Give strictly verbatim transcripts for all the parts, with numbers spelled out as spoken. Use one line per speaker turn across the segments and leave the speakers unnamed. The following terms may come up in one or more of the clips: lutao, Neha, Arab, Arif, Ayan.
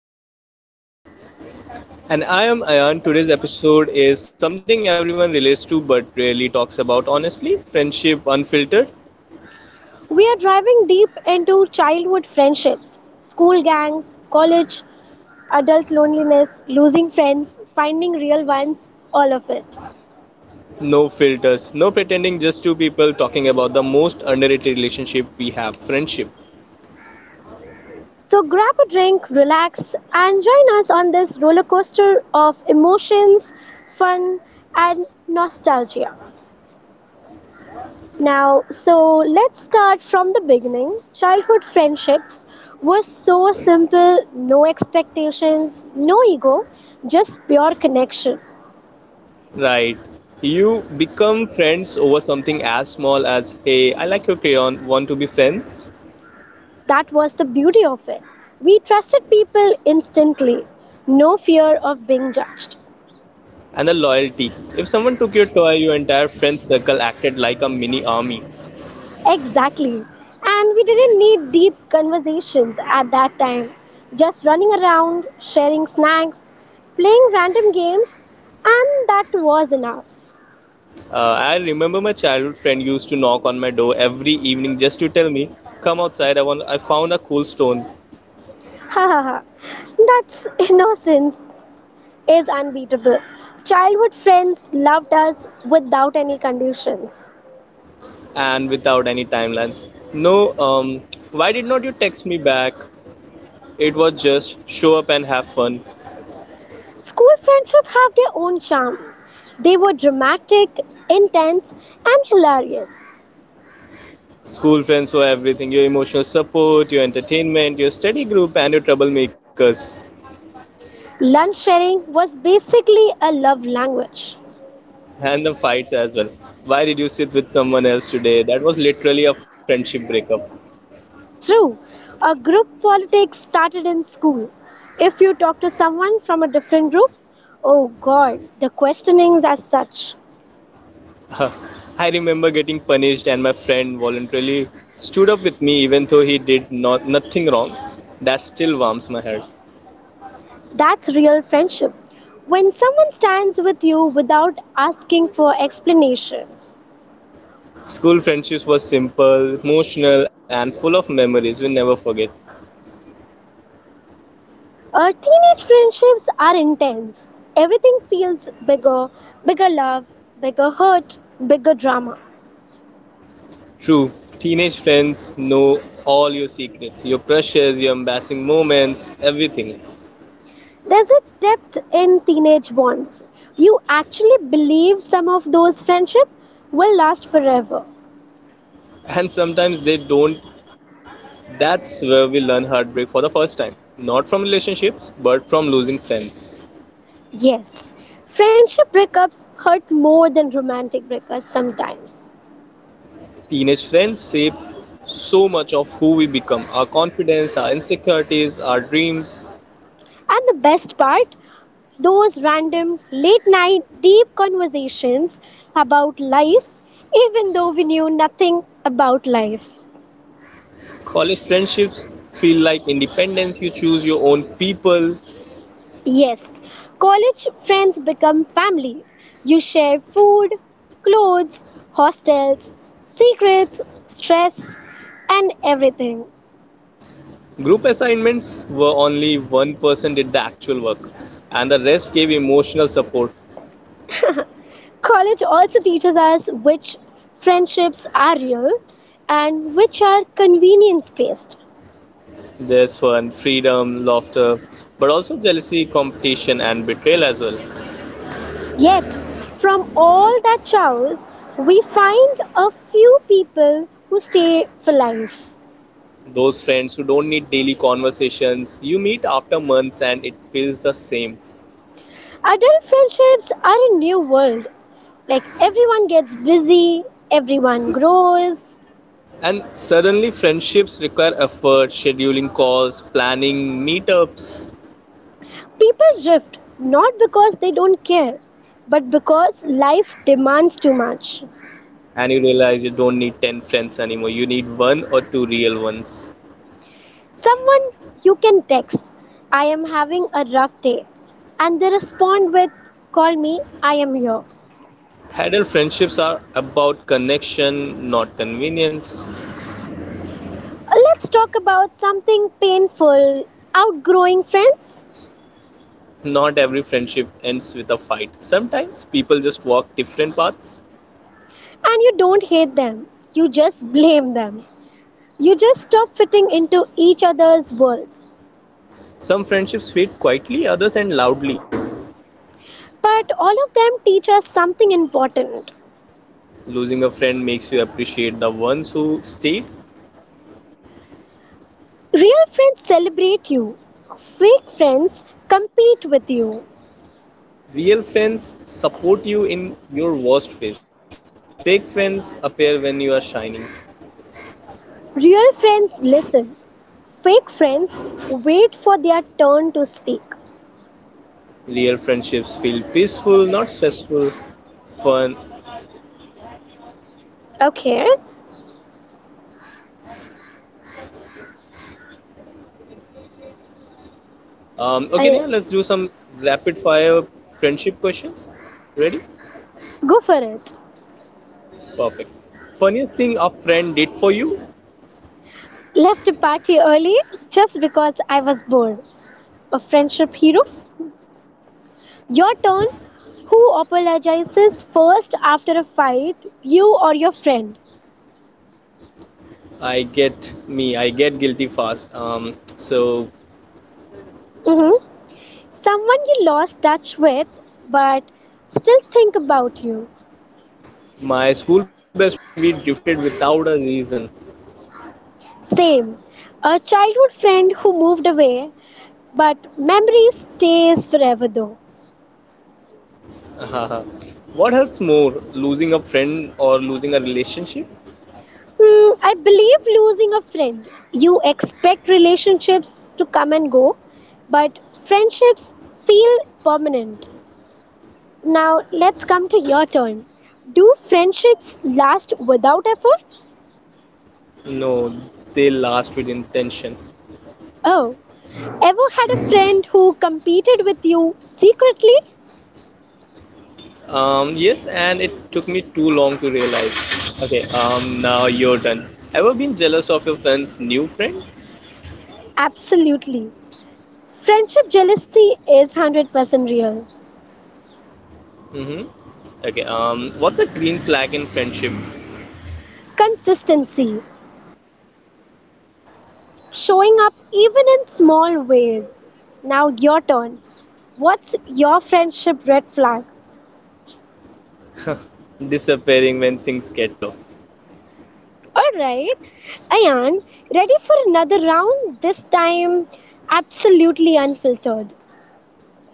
Neha.
And I am Ayan. Today's episode is something everyone relates to but rarely talks about honestly, friendship unfiltered.
We are driving deep into childhood friendships, school gangs, college, adult loneliness, losing friends, finding real ones, all of it.
No filters, no pretending, just two people talking about the most underrated relationship we have, friendship.
So grab a drink, relax, and join us on this roller coaster of emotions, fun, and nostalgia. Now, so let's start from the beginning. Childhood friendships were so simple, no expectations, no ego, just pure connection.
Right. You become friends over something as small as, "Hey, I like your crayon, want to be friends?"
That was the beauty of it. We trusted people instantly, no fear of being judged.
And the loyalty. If someone took your toy, your entire friend circle acted like a mini army.
Exactly. And we didn't need deep conversations at that time. Just running around, sharing snacks, playing random games, and that was enough.
Uh, I remember my childhood friend used to knock on my door every evening just to tell me, "Come outside. I want. I found a cool stone."
Ha ha ha. That's innocence is unbeatable. Childhood friends loved us without any conditions.
And without any timelines. No. Um. Why did not you text me back? It was just show up and have fun.
School friendships have their own charm. They were dramatic, intense, and hilarious.
School friends were everything. Your emotional support, your entertainment, your study group, and your troublemakers.
Lunch sharing was basically a love language.
And the fights as well. Why did you sit with someone else today? That was literally a friendship breakup.
True, a group politics started in school. If you talk to someone from a different group, oh god, the questionings as such.
I remember getting punished, and my friend voluntarily stood up with me even though he did not, nothing wrong. That still warms my heart.
That's real friendship. When someone stands with you without asking for explanations.
School friendships were simple, emotional, and full of memories we'll never forget.
Uh, teenage friendships are intense. Everything feels bigger bigger love, bigger hurt, bigger drama.
True, teenage friends know all your secrets, your crushes, your embarrassing moments, everything.
There's a depth in teenage bonds. You actually believe some of those friendships will last forever.
And sometimes they don't. That's where we learn heartbreak for the first time. Not from relationships, but from losing friends.
Yes, friendship breakups hurt more than romantic breakups sometimes.
Teenage friends shape so much of who we become, our confidence, our insecurities, our dreams.
And the best part, those random late night deep conversations about life, even though we knew nothing about life.
College friendships feel like independence, you choose your own people.
Yes, college friends become family. You share food, clothes, hostels, secrets, stress, and everything.
Group assignments were only one person did the actual work, and the rest gave emotional support.
College also teaches us which friendships are real and which are convenience based.
There's fun, freedom, laughter, but also jealousy, competition, and betrayal as well.
Yet, from all that chaos, we find a few people who stay for life.
Those friends who don't need daily conversations, you meet after months and it feels the same.
Adult friendships are a new world. Like everyone gets busy, everyone grows.
And suddenly, friendships require effort, scheduling calls, planning meetups,
People drift not because they don't care, but because life demands too much.
and you realize you don't need ten friends anymore. You need one or two real ones.
Someone you can text, I am having a rough day, and they respond with, Call me, I am here.
Adult friendships are about connection, not convenience.
Let's talk about something painful outgrowing friends.
Not every friendship ends with a fight. Sometimes people just walk different paths.
And you don't hate them, you just blame them. You just stop fitting into each other's worlds.
Some friendships fade quietly, others end loudly.
But all of them teach us something important.
Losing a friend makes you appreciate the ones who stayed.
Real friends celebrate you, fake friends compete with you.
Real friends support you in your worst phase. Fake friends appear when you are shining.
Real friends listen, fake friends wait for their turn to speak.
Real friendships feel peaceful, not stressful, fun.
Okay,
Um, okay,
I
Neha, let's do some rapid fire friendship questions. Ready?
go for it.
Perfect. Funniest thing a friend did for you?
Left a party early just because I was bored. A friendship hero. Your turn. Who apologizes first after a fight? You or your friend?
I get me, I get guilty fast. Um, so,
hmm someone you lost touch with but still think about you.
my school best friend, we drifted without a reason.
Same. A childhood friend who moved away but memory stays forever though.
What hurts more, losing a friend or losing a relationship?
Hmm, I believe losing a friend. You expect relationships to come and go, but friendships feel permanent. Now let's come to your turn. Do friendships last without effort?
No, they last with intention.
Oh, ever had a friend who competed with you secretly?
Um, yes, and it took me too long to realize. Okay, um, now you're done. Ever been jealous of your friend's new friend?
Absolutely. Friendship jealousy is one hundred percent real.
Mm-hmm. Okay, um, what's a green flag in friendship?
Consistency, showing up even in small ways. Now your turn. What's your friendship red flag?
Disappearing when things get tough.
Alright, Ayan, ready for another round? This time, absolutely unfiltered.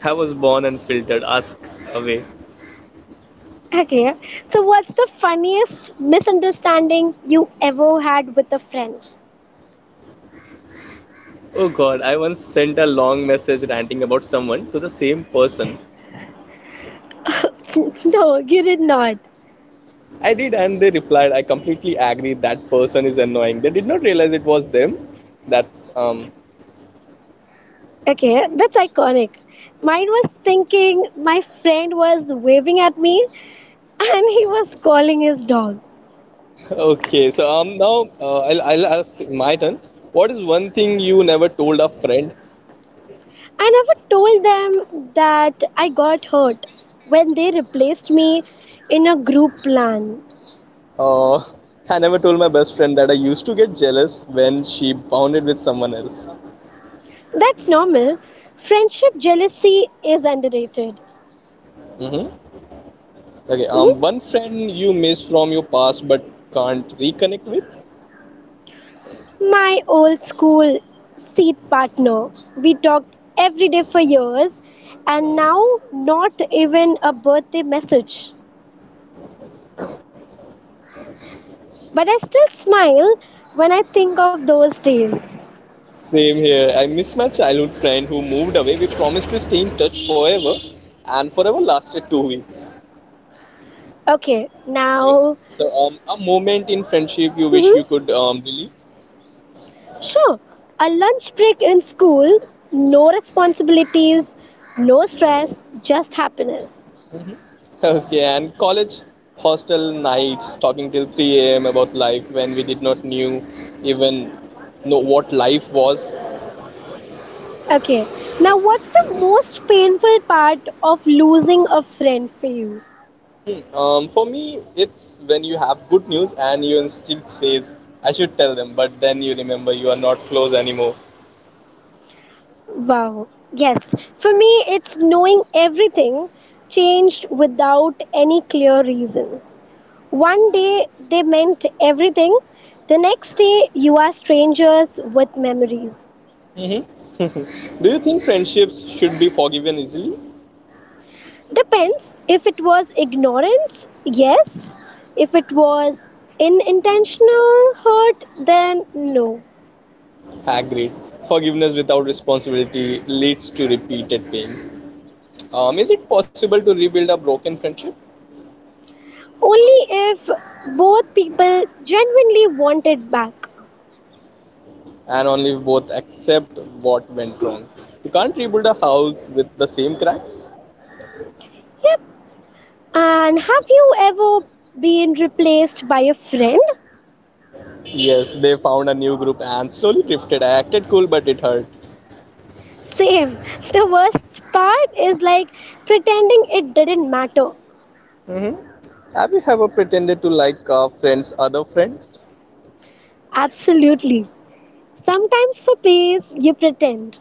I was born unfiltered. Ask away.
Okay. So, what's the funniest misunderstanding you ever had with a friend?
Oh God, I once sent a long message ranting about someone to the same person.
No, you did not.
I did, and they replied, "I completely agree, that person is annoying." They did not realize it was them. That's um
Okay, that's iconic. Mine was thinking my friend was waving at me and he was calling his dog.
Okay. So um now uh, I'll I'll ask my turn. What is one thing you never told a friend?
I never told them that I got hurt when they replaced me in a group plan.
Uh, I never told my best friend that I used to get jealous when she bonded with someone else.
That's normal. Friendship jealousy is underrated.
Mm-hmm. Okay.
Mhm.
Um, one friend you miss from your past but can't reconnect with.
My old school seat partner. We talked every day for years, and now not even a birthday message. But I still smile when I think of those days.
Same here. I miss my childhood friend who moved away. We promised to stay in touch forever, and forever lasted two weeks.
Okay,
Okay.
now.
So, um, a moment in friendship you wish you
hmm
could um, relive.
sure, a lunch break in school, no responsibilities, no stress, just happiness.
Okay, and college hostel nights talking till three a m about life when we did not knew even know what life was.
Okay, now what's the most painful part of losing a friend for you?
Hmm. Um, for me, it's when you have good news and your instinct says I should tell them, but then you remember you are not close anymore.
Wow. Yes. For me, it's knowing everything changed without any clear reason. One day they meant everything, the next day you are strangers with memories.
Mm-hmm. Do you think friendships should be forgiven easily?
Depends if it was ignorance, yes. If it was unintentional hurt, then no.
Agreed. Forgiveness without responsibility leads to repeated pain. Um, is it possible to rebuild a broken friendship?
Only if both people genuinely wanted back.
And only if both accept what went wrong. You can't rebuild a house with the same cracks.
Yep. And have you ever been replaced by a friend?
Yes, they found a new group and slowly drifted. I acted cool, but it hurt.
Same. The worst part is like pretending it didn't matter.
Hmm. Have you ever pretended to like a friend's other friend?
Absolutely. Sometimes for peace, you pretend.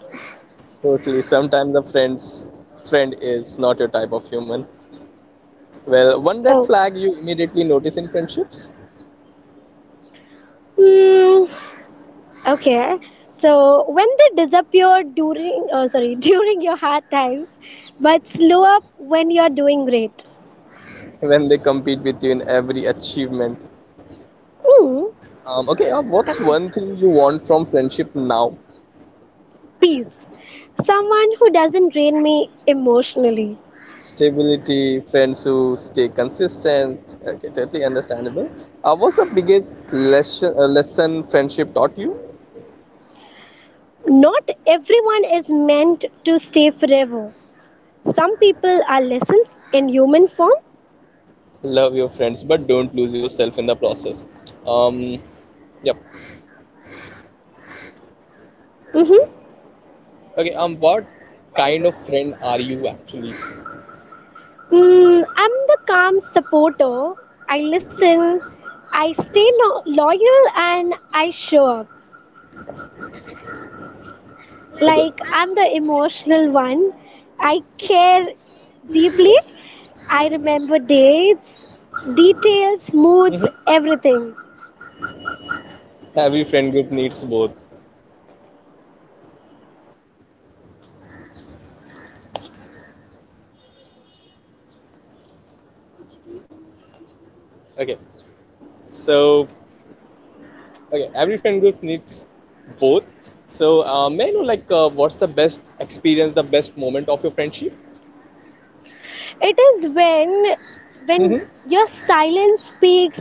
Totally. Sometimes the friend's friend is not your type of human. Well, one red
Oh.
flag you immediately notice in friendships,
Hmm. Okay. So when they disappear during, oh sorry, during your hard times, but slow up when you're doing great.
when they compete with you in every achievement.
Hmm.
Um, okay, uh, what's one thing you want from friendship now?
Peace. Someone who doesn't drain me emotionally.
Stability, friends who stay consistent. Okay, totally understandable. Uh, what's the biggest lesson, uh, lesson friendship taught you?
Not everyone is meant to stay forever. Some people are lessons in human form.
Love your friends, but don't lose yourself in the process. Um, yep.
Mhm.
Okay. Um, what kind of friend are you actually?
Mm, I'm the calm supporter. I listen, I stay no- loyal, and I show up.
Okay.
Like I'm the emotional one. I care deeply. I remember dates, details, moods,
Hmm.
everything.
Every friend group needs both. Okay. So, okay, every friend group needs both. So, uh, may I know like uh, what's the best experience, the best moment of your friendship?
It is when when
Mm-hmm.
your silence speaks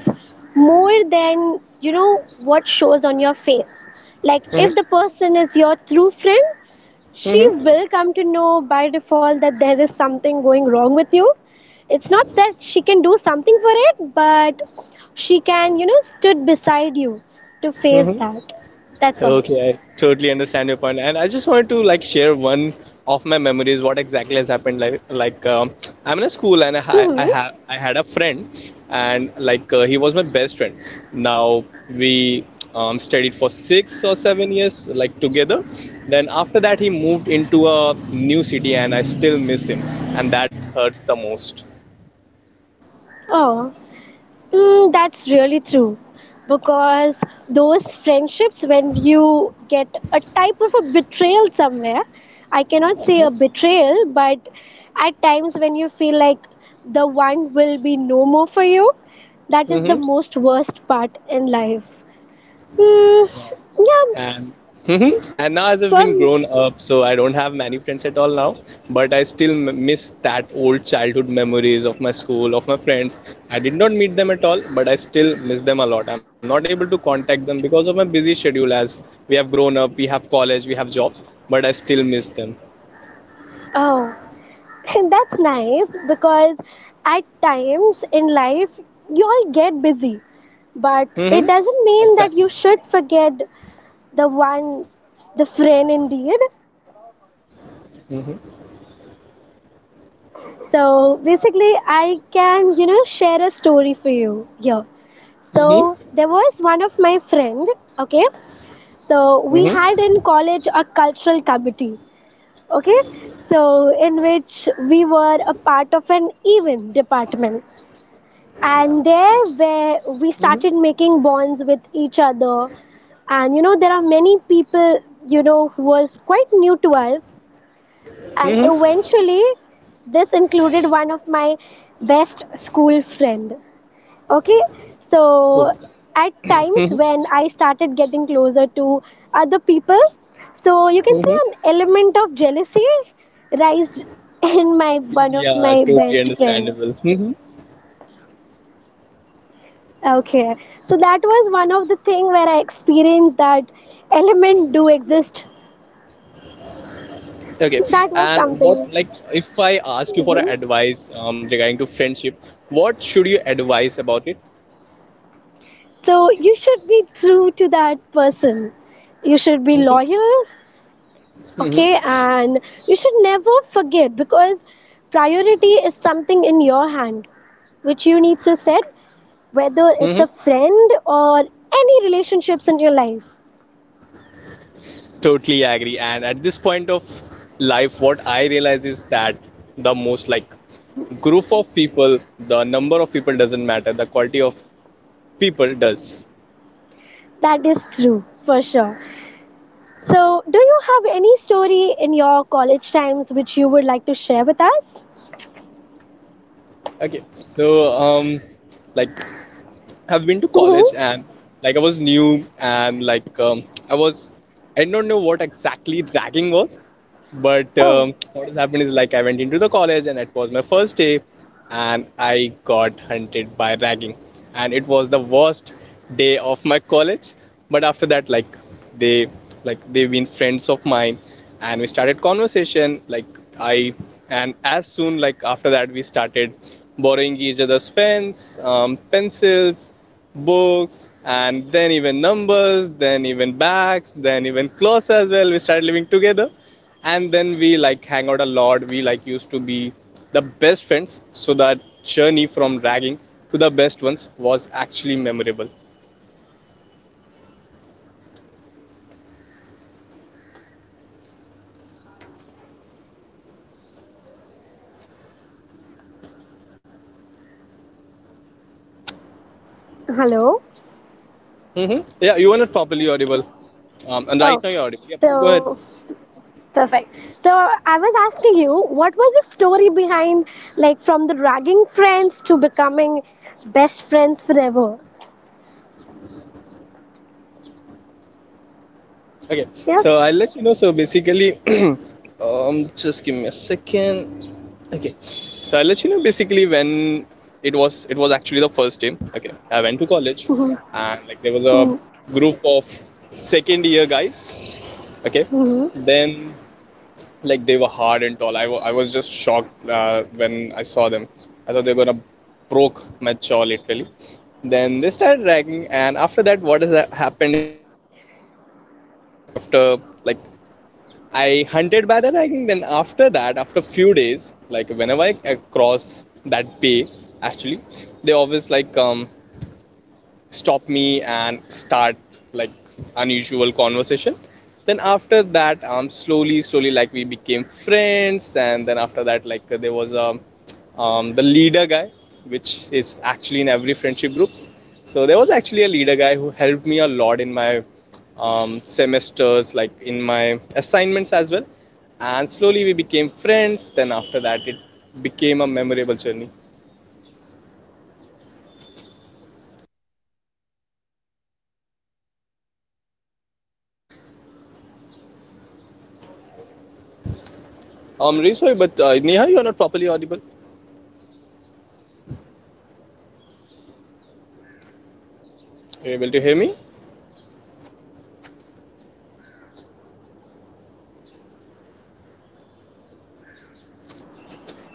more than you know what shows on your face. Like if the
Mm-hmm.
person is your true friend, she
Mm-hmm.
will come to know by default that there is something going wrong with you. It's not that she can do something for it, but she can you know stood beside you to face
Mm-hmm.
that. That's all.
Okay, I totally understand your point, and I just wanted to like share one of my memories. What exactly has happened? Like, like um, I'm in a school, and I ha- I
Mm-hmm.
ha- I had a friend, and like uh, he was my best friend. Now we um, studied for six or seven years, like together. Then after that, he moved into a new city, and I still miss him, and that hurts the most.
Oh. Mm, that's really true. Because those friendships, when you get a type of a betrayal somewhere, I cannot say a
Mm-hmm.
betrayal, but at times when you feel like the one will be no more for you, that is the
Mm-hmm.
most worst part in life. Mm, yeah,
And hmm and now as I've been
from
grown up, so I don't have many friends at all now. But I still m- miss that old childhood memories of my school, of my friends. I did not meet them at all, but I still miss them a lot. I'm not able to contact them because of my busy schedule. As we have grown up, we have college, we have jobs, but I still miss them.
oh, that's nice because at times in life you all get busy, but
Hmm.
it doesn't mean that
Exactly.
you should forget the one the friend indeed.
Hmm.
So basically, I can you know share a story for you. Yeah, so
Hmm.
there was one of my friend. Okay, so
Hmm.
we had in college a cultural committee. Okay, so in which we were a part of an event department, and there where we started making bonds with each other. And you know there are many people, you know who was quite new to us. And
Hmm.
eventually, this included one of my best school friend. Okay, so
Oh.
at times
Hmm.
when I started getting closer to other people, so you can say
Hmm.
an element of jealousy raised in my one of
Yeah,
my
totally
best friend.
understandable. Hmm.
Okay, so that was one of the thing where I experienced that element do exist.
Okay,
That was
and what
something.
like if I ask you for a
Mhm.
advice um, regarding to friendship, what should you advise about it?
So you should be true to that person. You should be
Hmm.
loyal,
Hmm.
okay, and you should never forget because priority is something in your hand which you need to set, whether it's a
Hmm.
friend or any relationships in your life.
Totally agree. And at this point of life, what I realize is that the most like group of people, the number of people doesn't matter. The quality of people does.
That is true for sure. So, do you have any story in your college times which you would like to share with us?
Okay, so um, like I've been to
Hmm.
college and like I was new and like um, I was I don't know what exactly dragging was. But
Oh,
um, what has happened is like I went into the college and it was my first day, and I got hunted by ragging, and it was the worst day of my college. But after that, like they like they've been friends of mine, and we started conversation. Like I and as soon like after that we started borrowing each other's pens, um, pencils, books, and then even numbers, then even bags, then even clothes as well. We started living together, and then we like hang out a lot. We like used to be the best friends. So that journey from ragging to the best ones was actually memorable.
hello.
Hmm. Yeah, you were not properly audible. um, and right
Oh,
now you're audible, yep,
so
go ahead.
perfect. So I was asking you, what was the story behind, like, from the ragging friends to becoming best friends forever?
Okay,
Yeah.
so I'll let you know. So basically, um, just give me a second. Okay, so I'll let you know. Basically, when it was, it was actually the first day. Okay, I went to college,
Mhm.
and like there was a
Mhm.
group of second year guys. Okay,
Mhm.
then like they were hard and tall. I wa- I was just shocked uh, when I saw them. I thought they were gonna broke my jaw literally. Then they started dragging, and after that, what has ha- happened is that um, after like I hunted by the ragging. Then after that, after few days, like whenever I cross that pay, actually, they always like um stop me and start like unusual conversation. Then after that um slowly slowly like we became friends, and then after that like there was a um, the leader guy, which is actually in every friendship groups. So there was actually a leader guy who helped me a lot in my um, semesters, like in my assignments as well, and slowly we became friends. Then after that it became a memorable journey. I'm really sorry, but uh, Neha, you are not properly audible. Are you able to hear me?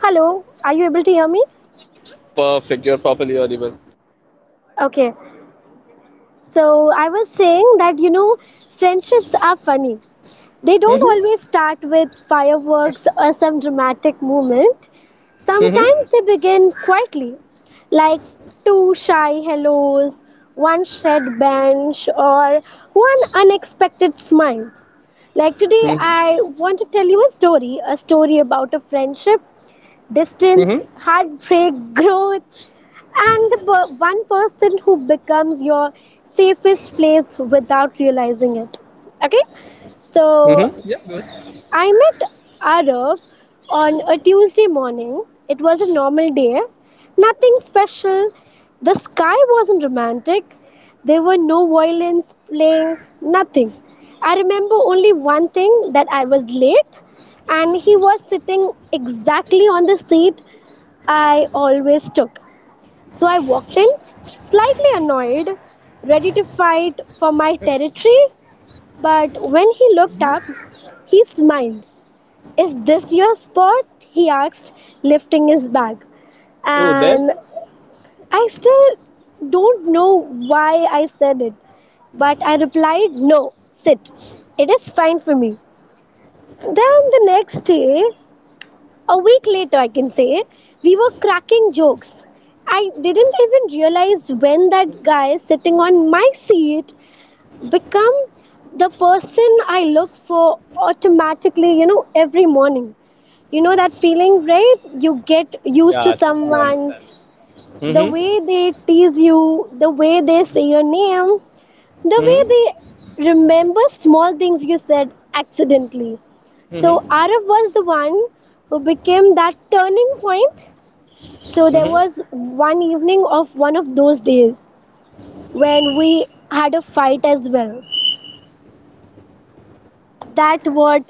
Hello, are you able to hear me?
Perfect. You're properly audible.
Okay. So I was saying that you know, friendships are funny. They don't
Mm-hmm.
always start with fireworks or some dramatic moment. Sometimes
Mm-hmm.
they begin quietly, like two shy hellos, one shared bench, or one unexpected smile. Like today,
Mm-hmm.
I want to tell you a story a story about a friendship, distance,
Mm-hmm.
heartbreak, growth, and the per- one person who becomes your safest place without realizing it. Okay? So,
Mm-hmm. Yeah, go ahead.
I met Arab on a Tuesday morning. It was a normal day, nothing special. The sky wasn't romantic. There were no violins playing, nothing. I remember only one thing that I was late, and he was sitting exactly on the seat I always took. So I walked in, slightly annoyed, ready to fight for my territory. But when he looked up, he smiled. Is this your spot? He asked, lifting his bag.
Oh, then?
And I still don't know why I said it, but I replied, No, sit. It is fine for me. Then the next day, a week later, I can say, we were cracking jokes. I didn't even realize when that guy sitting on my seat become the person I look for automatically, you know, every morning. You know that feeling, right? You get used to
Yeah, I totally
someone,
understand.
the way
Mm-hmm.
they tease you, the way they say your name, the way
Mm-hmm.
they remember small things you said accidentally. So,
Mm-hmm.
Arif was the one who became that turning point. So, there
Mm-hmm.
was one evening of one of those days when we had a fight as well. That what,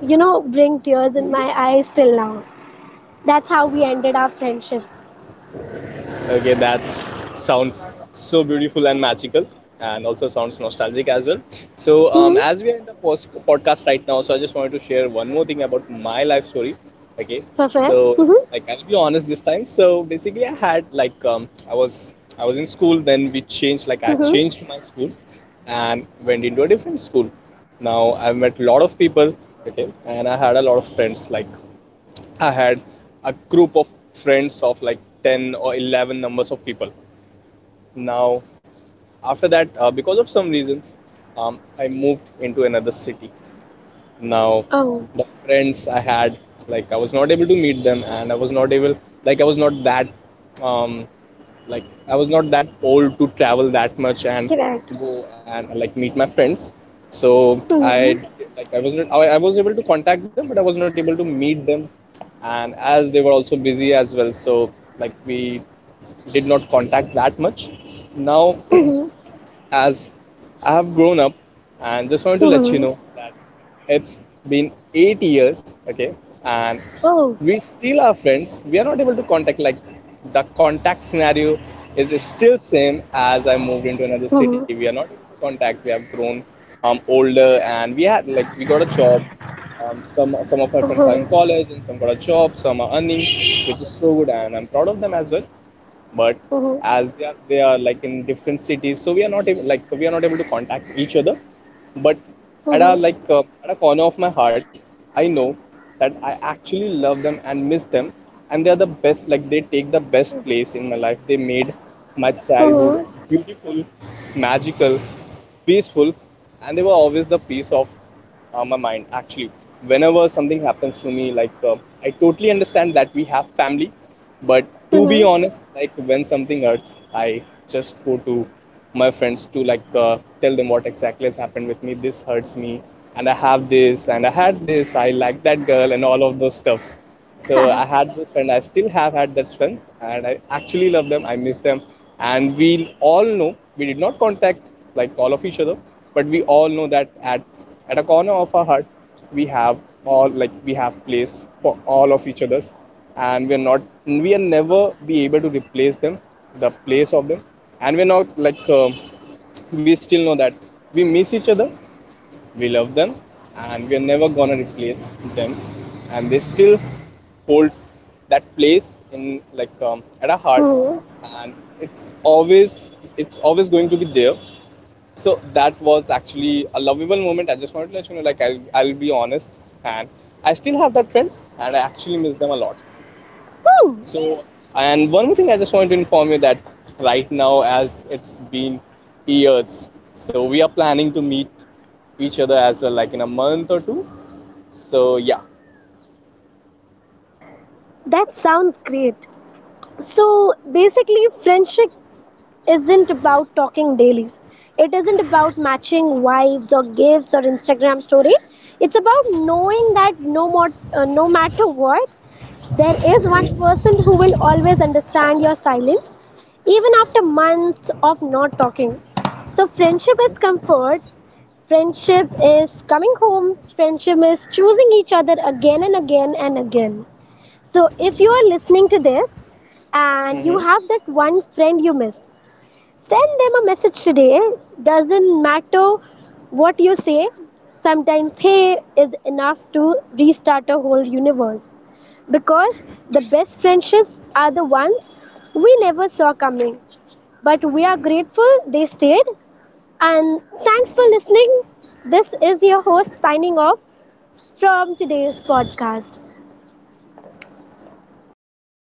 you know, bring tears in my
Mm-hmm.
eyes till now. That's how we ended our friendship.
Okay, that sounds so beautiful and magical, and also sounds nostalgic as well. So, um,
Mm-hmm.
as we are in the post- podcast right now, so I just wanted to share one more thing about my life story. Okay,
Perfect.
so
Mm-hmm.
it's like I'll be honest this time. So basically, I had like um, I was I was in school, then we changed. Like I
Mm-hmm.
changed my school and went into a different school. Now I've met a lot of people. Okay, and I had a lot of friends. Like I had a group of friends of like ten or eleven numbers of people. Now, after that, uh, because of some reasons, um, I moved into another city. Now
Oh,
the friends I had, like I was not able to meet them, and I was not able, like I was not that um like I was not that old to travel that much and
correct.
go and like meet my friends. So I,
Mm-hmm.
like I was not I, I was able to contact them, but I was not able to meet them, and as they were also busy as well, so like we did not contact that much now.
Mm-hmm.
As I have grown up, and just wanted to let you
Mm-hmm.
know that it's been eight years, okay, and
Oh.
we still are friends. We are not able to contact, like the contact scenario is still same. As I moved into another city,
Mm-hmm.
we are not able to contact. We have grown um, older, and we had like we got a job. Um, some some of our friends are
Mm-hmm.
in college and some got a job. Some are earning, which is so good, and I'm proud of them as well, but
Mm-hmm.
as they are, they are like in different cities, so we are not able, like we are not able to contact each other. But at a
Mm-hmm.
like uh, at a corner of my heart, I know that I actually love them and miss them, and they are the best. Like they take the best place in my life. They made my childhood
Mm-hmm.
beautiful, magical, peaceful, and they were always the piece of uh, my mind, actually. Whenever something happens to me, like uh, I totally understand that we have family, but to be
Mm-hmm.
honest, like when something hurts, I just go to my friends to like uh, tell them what exactly has happened with me, this hurts me, and I have this, and I had this, I like that girl and all of those stuff. So
Ha.
I had those friends. I still have had that friends, and I actually love them. I miss them, and we all know we did not contact like all of each other, but we all know that at at a corner of our heart, we have all, like we have place for all of each others, and we're not we are never be able to replace them, the place of them, and we're not like um we still know that we miss each other, we love them, and we are never gonna replace them. And they still holds that place in like um, at our heart,
Mm-hmm.
and it's always it's always going to be there. So that was actually a lovable moment. I just wanted to let you know, like i'll, I'll be honest, and I still have that friends and I actually miss them a lot.
Hmm,
So, and one more thing I just want to inform you that right now, as it's been years, so we are planning to meet each other as well, like in a month or two. So, yeah.
that sounds great. So basically, friendship isn't about talking daily. It isn't about matching vibes or gifts or Instagram story. It's about knowing that no more, uh, no matter what, there is one person who will always understand your silence, even after months of not talking. So, friendship is comfort, friendship is coming home, friendship is choosing each other again and again and again. So, if you are listening to this and you
Mm-hmm.
have that one friend you miss, send them a message today. Doesn't matter what you say, sometimes hey is enough to restart a whole universe. Because the best friendships are the ones we never saw coming. But we are grateful they stayed. And thanks for listening. This is your host signing off from today's podcast.